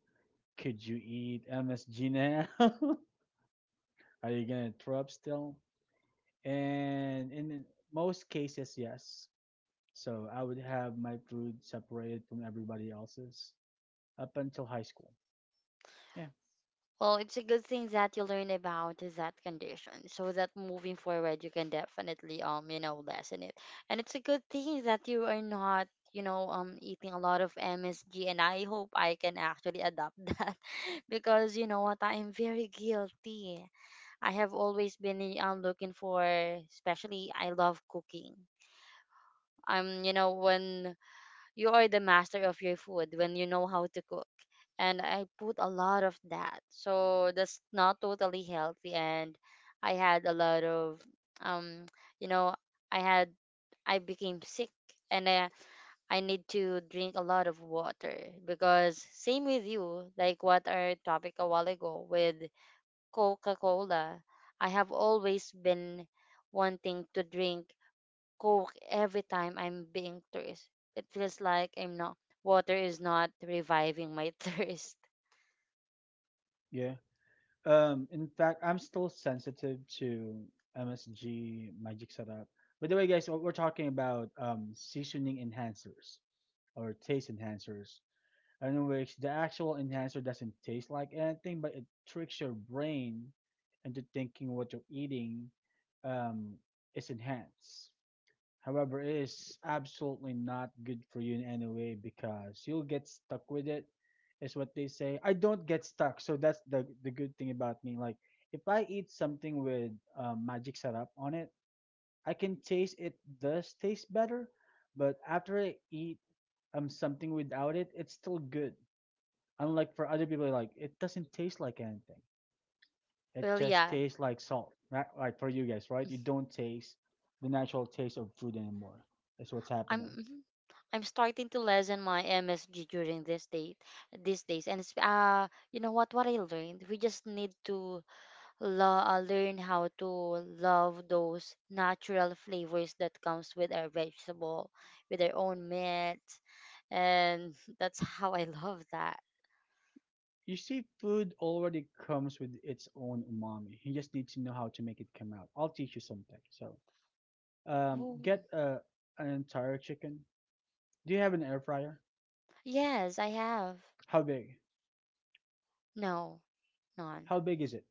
A: Could you eat MSG now? Are you gonna throw up still? And in most cases, yes. So I would have my food separated from everybody else's up until high school. Yeah,
B: Well, it's a good thing that you learn about that condition so that moving forward you can definitely lessen it. And it's a good thing that you are not eating a lot of MSG and I hope I can actually adopt that because you know what I am very guilty. I have always been looking for especially I love cooking. When you are the master of your food when you know how to cook and I put a lot of that, so that's not totally healthy and I had a lot of um you know i had I became sick and I, I need to drink a lot of water because same with you like what our topic a while ago with Coca-Cola. I have always been wanting to drink Coke every time I'm being thirst. It feels like I'm not water is not reviving my thirst.
A: yeah. In fact, I'm still sensitive to MSG magic setup. By the way, guys, we're talking about seasoning enhancers or taste enhancers, in which the actual enhancer doesn't taste like anything, but it tricks your brain into thinking what you're eating um, is enhanced. However, it is absolutely not good for you in any way because you'll get stuck with it, is what they say. I don't get stuck, so that's the good thing about me. Like if I eat something with magic syrup on it, I can taste it does taste better, but after I eat something without it, it's still good. Unlike for other people, like it doesn't taste like anything. It
B: Well,
A: just
B: yeah,
A: tastes like salt, right? Like for you guys, right? You don't taste the natural taste of food anymore. That's what's
B: I'm
A: happening.
B: mhm. I'm starting to lessen my MSG during this date these days, and it's, you know what? What I learned, we just need to learn how to love those natural flavors that comes with our vegetable, with our own meat, and that's how I love that.
A: You see, food already comes with its own umami. You just need to know how to make it come out. I'll teach you something. So,
B: Ooh.
A: get an entire chicken. Do you have an air fryer?
B: Yes, I have.
A: How big?
B: No. None.
A: How big is it?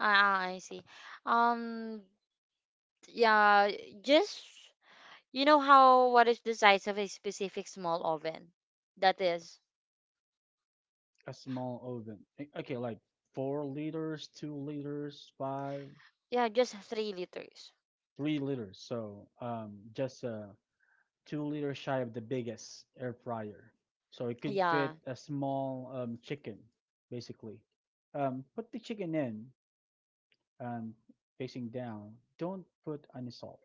B: Ah, I see. Um, yeah, just you know how what is the size of a specific small oven? That is,
A: A small oven. Okay, like 4 liters, 2 liters, five,
B: yeah, just 3 liters.
A: 3 liters. So, just 2 liters shy of the biggest air fryer. So it could
B: Yeah.
A: fit a small chicken, basically. Put the chicken in, um, facing down, don't put any salt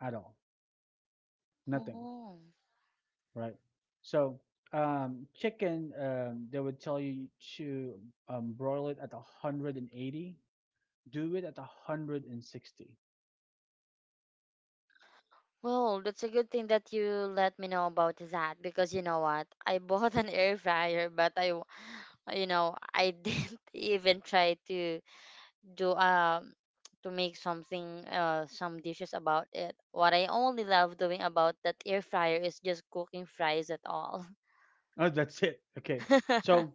A: at all, nothing,
B: Oh.
A: right? So chicken, they would tell you to broil it at 180, do it at 160.
B: Well, that's a good thing that you let me know about that because you know what? I bought an air fryer, but I, w- you know, I didn't even try to do to make something some dishes about it. What I only love doing about that air fryer is just cooking fries at all.
A: Oh, that's it. Okay. So,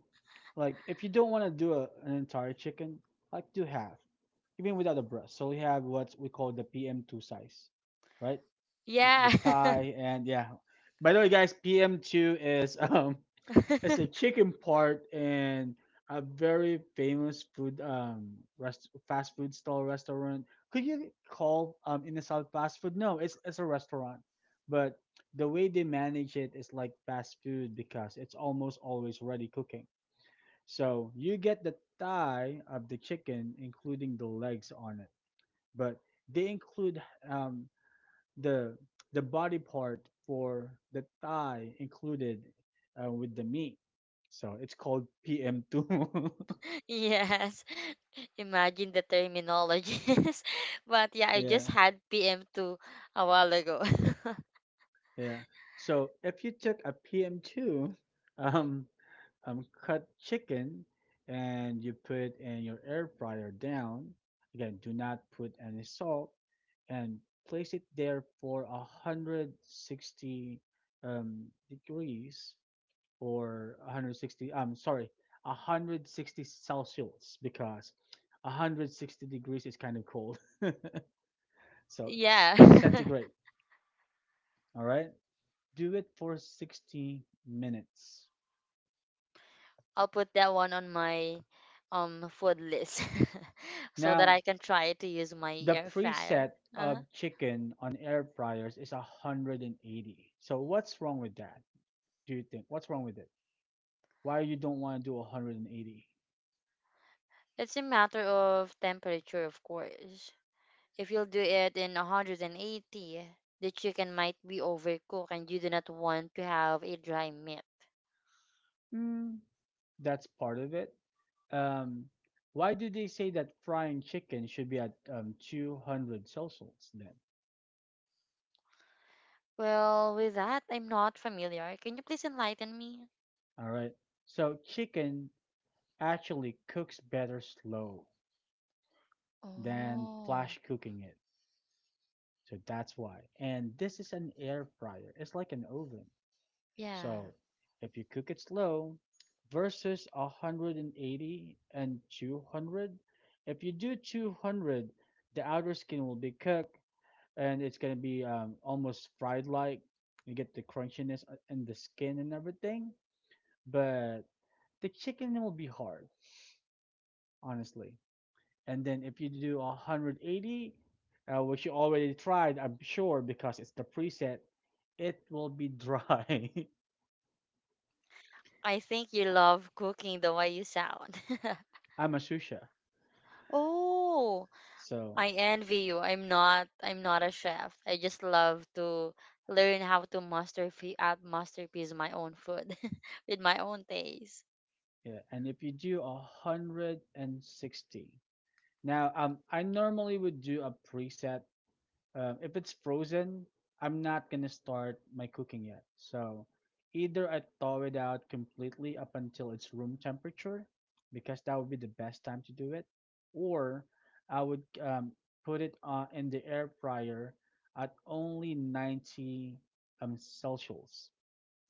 A: like, if you don't want to do an entire chicken, like, do half, even without a breast. So we have what we call the PM2 size, right? The
B: yeah.
A: thigh and yeah. By the way, guys, PM2 is it's a chicken part and a very famous food, rest fast food stall restaurant. Could you call in the south fast food? No, it's a restaurant, but the way they manage it is like fast food because it's almost always ready cooking. So you get the thigh of the chicken, including the legs on it, but they include um the the body part for the thigh included, with the meat. So it's called PM2.
B: yes. Imagine the terminologies. but yeah, I just
A: Yeah,
B: had PM 2 a while ago.
A: yeah. So if you took a PM2, um, cut chicken and you put in your air fryer down, again, do not put any salt and place it there for 160 degrees, or 160, I'm sorry, 160 Celsius, because 160 degrees is kind of cold, so
B: yeah.
A: centigrade. All right, do it for 60 minutes.
B: I'll put that one on my food list so that
A: Now,
B: I can try to use my
A: the
B: air fryer.
A: preset
B: Uh huh.
A: of chicken on air fryers is 180, so what's wrong with that? Do you think what's wrong with it? Why you don't want to do 180?
B: It's a matter of temperature, of course. If you'll do it in 180, the chicken might be overcooked and you do not want to have a dry meat.
A: Mm, that's part of it. Um, why do they say that frying chicken should be at 200 Celsius then?
B: Well, with that, I'm not familiar. Can you please enlighten me?
A: All right. So chicken actually cooks better slow than
B: Oh,
A: flash cooking it. So that's why. And this is an air fryer. It's like an oven.
B: yeah.
A: So if you cook it slow versus 180 and 200, if you do 200, the outer skin will be cooked and it's gonna be almost fried like. You get the crunchiness and the skin and everything, but the chicken will be hard, honestly. And then if you do 180, which you already tried, I'm sure, because it's the preset, it will be dry.
B: I think you love cooking the way you sound.
A: I'm a sushi,
B: oh,
A: so
B: I envy you. I'm not. I'm not a chef. I just love to learn how to master masterpiece my own food with my own taste.
A: yeah. And if you do 160, now I normally would do a preset. If it's frozen, I'm not gonna start my cooking yet. So either I thaw it out completely up until it's room temperature, because that would be the best time to do it, or I would put it on in the air fryer at only 90 Celsius.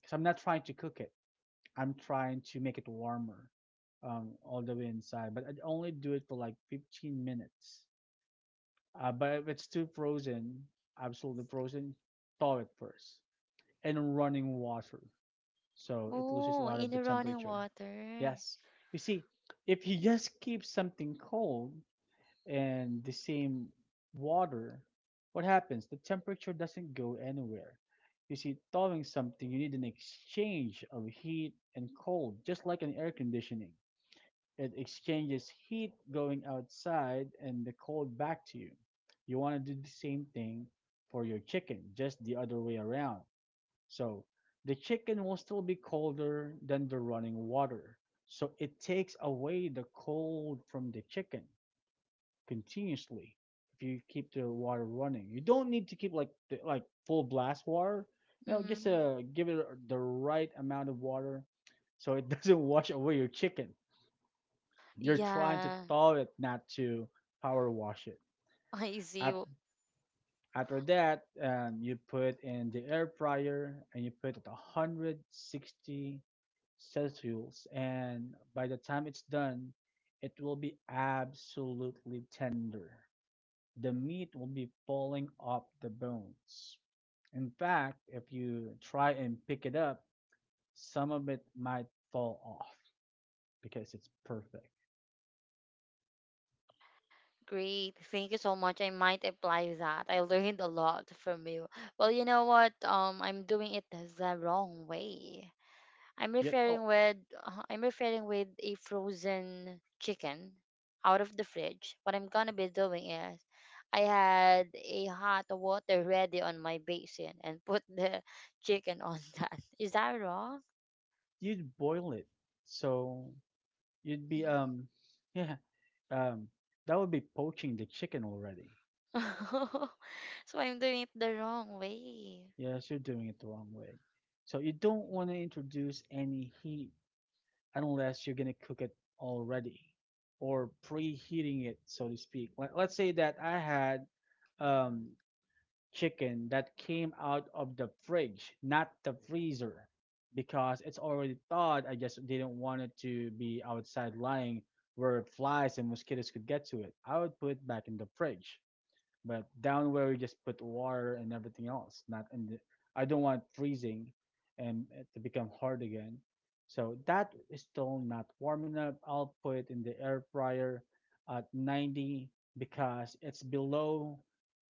A: Because I'm not trying to cook it. I'm trying to make it warmer all the way inside. But I'd only do it for like 15 minutes. But if it's too frozen, absolutely frozen, thaw it first in running water. So it loses a
B: Oh,
A: lot of
B: in
A: the
B: the running
A: temperature.
B: water.
A: Yes. You see, if you just keep something cold and the same water, what happens? The temperature doesn't go anywhere. You see, thawing something, you need an exchange of heat and cold, just like an air conditioning. It exchanges heat going outside and the cold back to you. You want to do the same thing for your chicken, just the other way around. So the chicken will still be colder than the running water. So it takes away the cold from the chicken continuously if you keep the water running. You don't need to keep like the, like full blast water. You know, just
B: Mm.
A: give it the right amount of water so it doesn't wash away your chicken. You're trying to
B: Yeah,
A: thaw it, not to power wash it.
B: I see. W-
A: After that, you put in the air fryer and you put it 160 Celsius. And by the time it's done, it will be absolutely tender. The meat will be falling off the bones. In fact, if you try and pick it up, some of it might fall off because it's perfect.
B: Great. Thank you so much. I might apply that. I learned a lot from you. Well, you know what? I'm doing it the wrong way. I'm
A: Yep. Oh,
B: referring with I'm referring with a frozen chicken out of the fridge. What I'm gonna be doing is I had a hot water ready on my basin and put the chicken on that. Is that wrong?
A: you boil it. So you'd be yeah, um that would be poaching the chicken already.
B: so I'm doing it the wrong way.
A: Yes, you're doing it the wrong way. So you don't want to introduce any heat unless you're gonna cook it already, or preheating it, so to speak. Like, let's say that I had um chicken that came out of the fridge, not the freezer, because it's already thawed. I just didn't want it to be outside lying where flies and mosquitoes could get to it. I would put it back in the fridge. But down where we just put water and everything else, not in the, I don't want freezing and it to become hard again. So that is still not warming up. I'll put it in the air fryer at 90 because it's below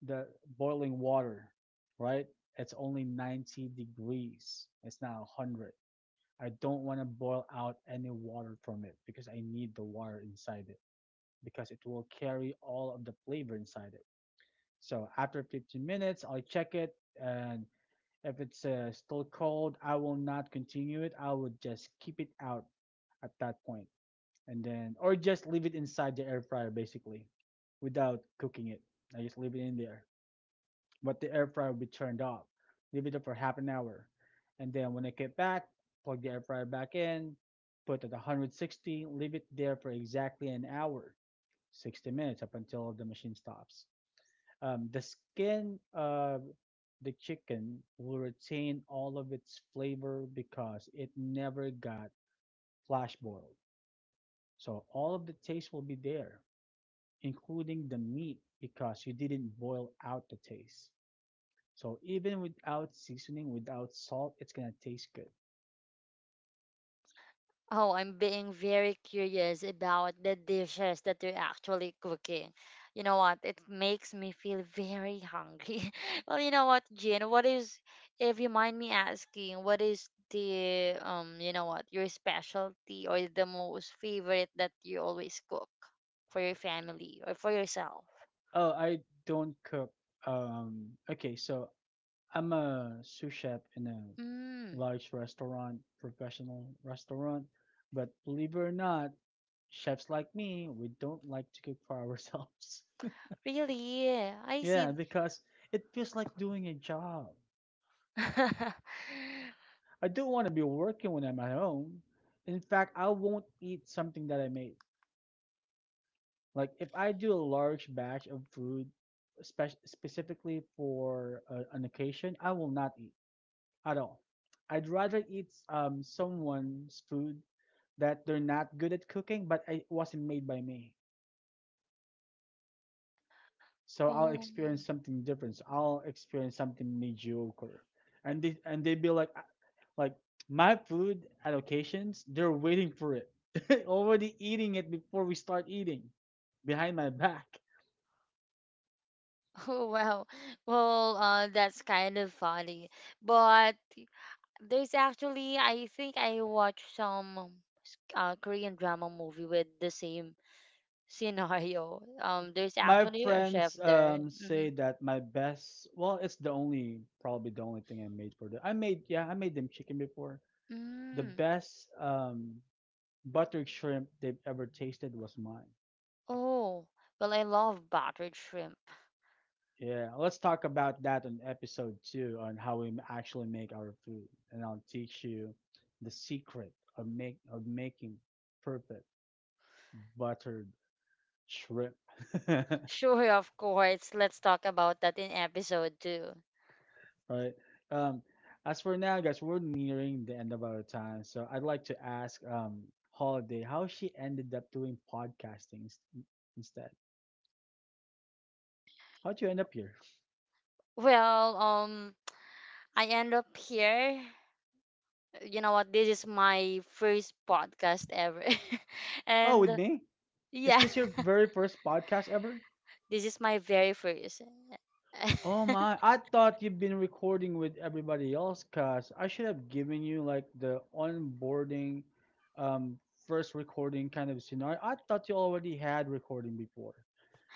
A: the boiling water, right? It's only 90 degrees. It's not 100. I don't want to boil out any water from it because I need the water inside it because it will carry all of the flavor inside it. So after 15 minutes, I'll check it, and if it's still cold, I will not continue it. I would just keep it out at that point, and then, or just leave it inside the air fryer basically, without cooking it. I just leave it in there, but the air fryer will be turned off. Leave it up for half an hour, and then when I get back, plug the air fryer back in, put it at 160, leave it there for exactly an hour, 60 minutes up until the machine stops. The skin of the chicken will retain all of its flavor because it never got flash boiled. So all of the taste will be there, including the meat because you didn't boil out the taste. So even without seasoning, without salt, it's gonna taste good.
B: Oh, I'm being very curious about the dishes that you're actually cooking. You know what? It makes me feel very hungry. well, you know what, Jin? What is, if you mind me asking, what is the, you know what, your specialty or the most favorite that you always cook for your family or for yourself?
A: Oh, I don't cook. Okay, so I'm a sous chef in a
B: Mm,
A: large restaurant, professional restaurant, but believe it or not, chefs like me, we don't like to cook for ourselves.
B: really? I see.
A: Yeah, because it feels like doing a job. I don't want to be working when I'm at home. In fact, I won't eat something that I made. Like if I do a large batch of food, specifically for an occasion, I will not eat at all. I'd rather eat someone's food that they're not good at cooking, but it wasn't made by me. So I'll
B: oh.
A: experience something different. So I'll experience something mediocre, and they be like, "Ah," like my food at occasions, they're waiting for it, already eating it before we start eating, behind my back.
B: Oh, wow. Well, that's kind of funny. But there's actually, I think I watched some Korean drama movie with the same scenario. There's
A: My
B: actually a chef
A: friends
B: there. Mm-hmm.
A: say that my best, well, it's the only, probably the only thing I made for them. I made them chicken before. The
B: Mm.
A: best butter shrimp they've ever tasted was mine.
B: Oh, well, I love buttered shrimp.
A: Yeah, let's talk about that on episode two on how we actually make our food, and I'll teach you the secret of make of making perfect buttered shrimp. Right.
B: Sure, of course. Let's talk about that in episode two.
A: Um, as for now, guys, we're nearing the end of our time, so I'd like to ask Holiday how she ended up doing podcasting instead. How'd you end up here?
B: Well, I end up here. You know what? This is my first podcast ever.
A: Oh, with
B: and
A: me? Is
B: yeah.
A: this your very first podcast ever?
B: This is my very first.
A: Oh my, I thought you've been recording with everybody else, cuz I should have given you like the onboarding, um, first recording kind of scenario. I thought you already had recording before.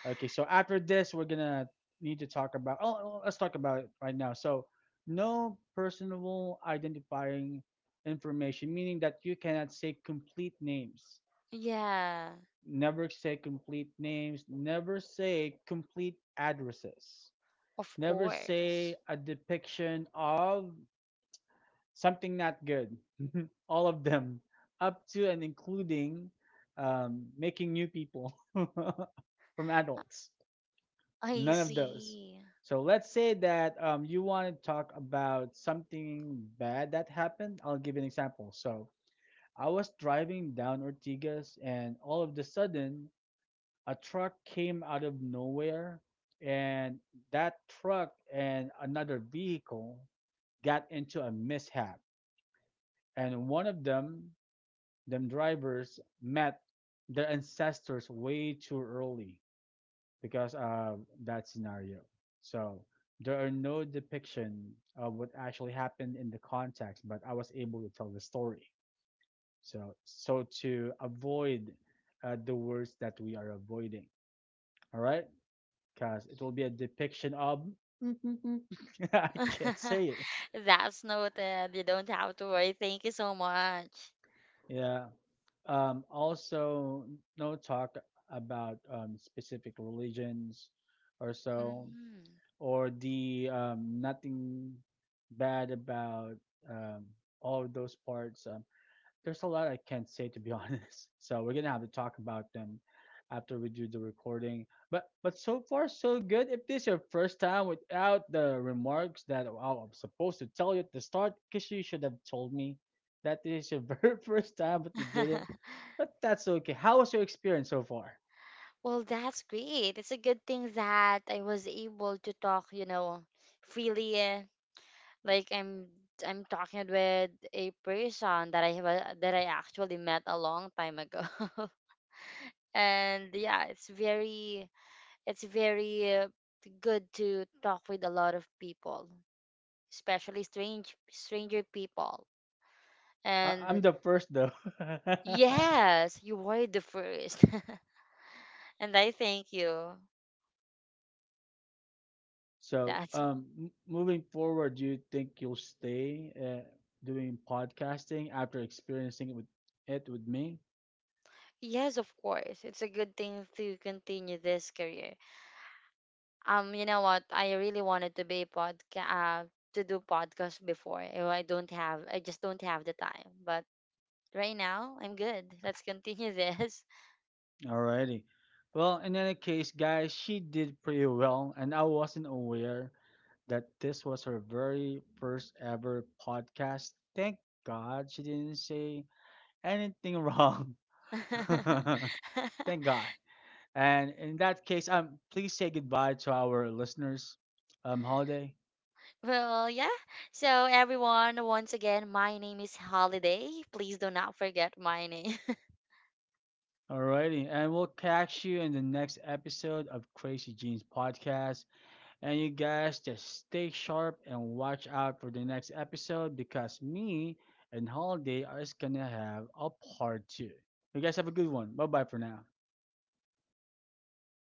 A: Okay, so after this, we're gonna need to talk about, oh, oh, let's talk about it right now. So, no personal identifying information, meaning that you cannot say complete names.
B: Yeah,
A: Never say complete names, never say complete addresses.
B: of
A: Never say
B: course.
A: a depiction of something not good. All of them, up to and including making new people from adults.
B: I
A: None of those.
B: see.
A: So let's say that you want to talk about something bad that happened. I'll give you an example. So I was driving down Ortigas, and all of the sudden, a truck came out of nowhere, and that truck and another vehicle got into a mishap, and one of them drivers met their ancestors way too early because of that scenario. So there are no depiction of what actually happened in the context, but I was able to tell the story, so to avoid the words that we are avoiding. All right. Cause it will be a depiction of. I can't say it.
B: That's noted. You don't have to worry. Thank you so much.
A: Yeah. Also, no talk about specific religions or so,
B: Mm.
A: or the nothing bad about um, all of those parts. There's a lot I can't say, to be honest. So we're gonna have to talk about them after we do the recording. But so far so good. If this is your first time without the remarks that I am supposed to tell you at the start, because you should have told me that this is your very first time, but you didn't. But that's okay. How was your experience so far?
B: Well, that's great. It's a good thing that I was able to talk, you know, freely. Like I'm talking with a person that that I actually met a long time ago. And yeah, it's very good to talk with a lot of people, especially stranger people.
A: I'm
B: And
A: the first though.
B: yes, you were the first. and I thank you.
A: So,
B: That's
A: moving forward, do you think you'll stay doing podcasting after experiencing it with me?
B: yes, of course. It's a good thing to continue this career. You know what? I really wanted to be podcast to do podcast before. Oh, I don't have. I just don't have the time. But right now, I'm good. Let's continue this.
A: Alrighty. Well, in any case, guys, she did pretty well, and I wasn't aware that this was her very first ever podcast. Thank God she didn't say anything wrong. Thank God. And in that case, please say goodbye to our listeners, Holiday.
B: Well, yeah. So, everyone, once again, my name is Holiday. Please do not forget my name.
A: Alrighty, and we'll catch you in the next episode of Crazy Jeans Podcast. And you guys just stay sharp and watch out for the next episode because me and Holiday is gonna have a part two. You guys have a good one. Bye bye for now.
B: Bye, everyone.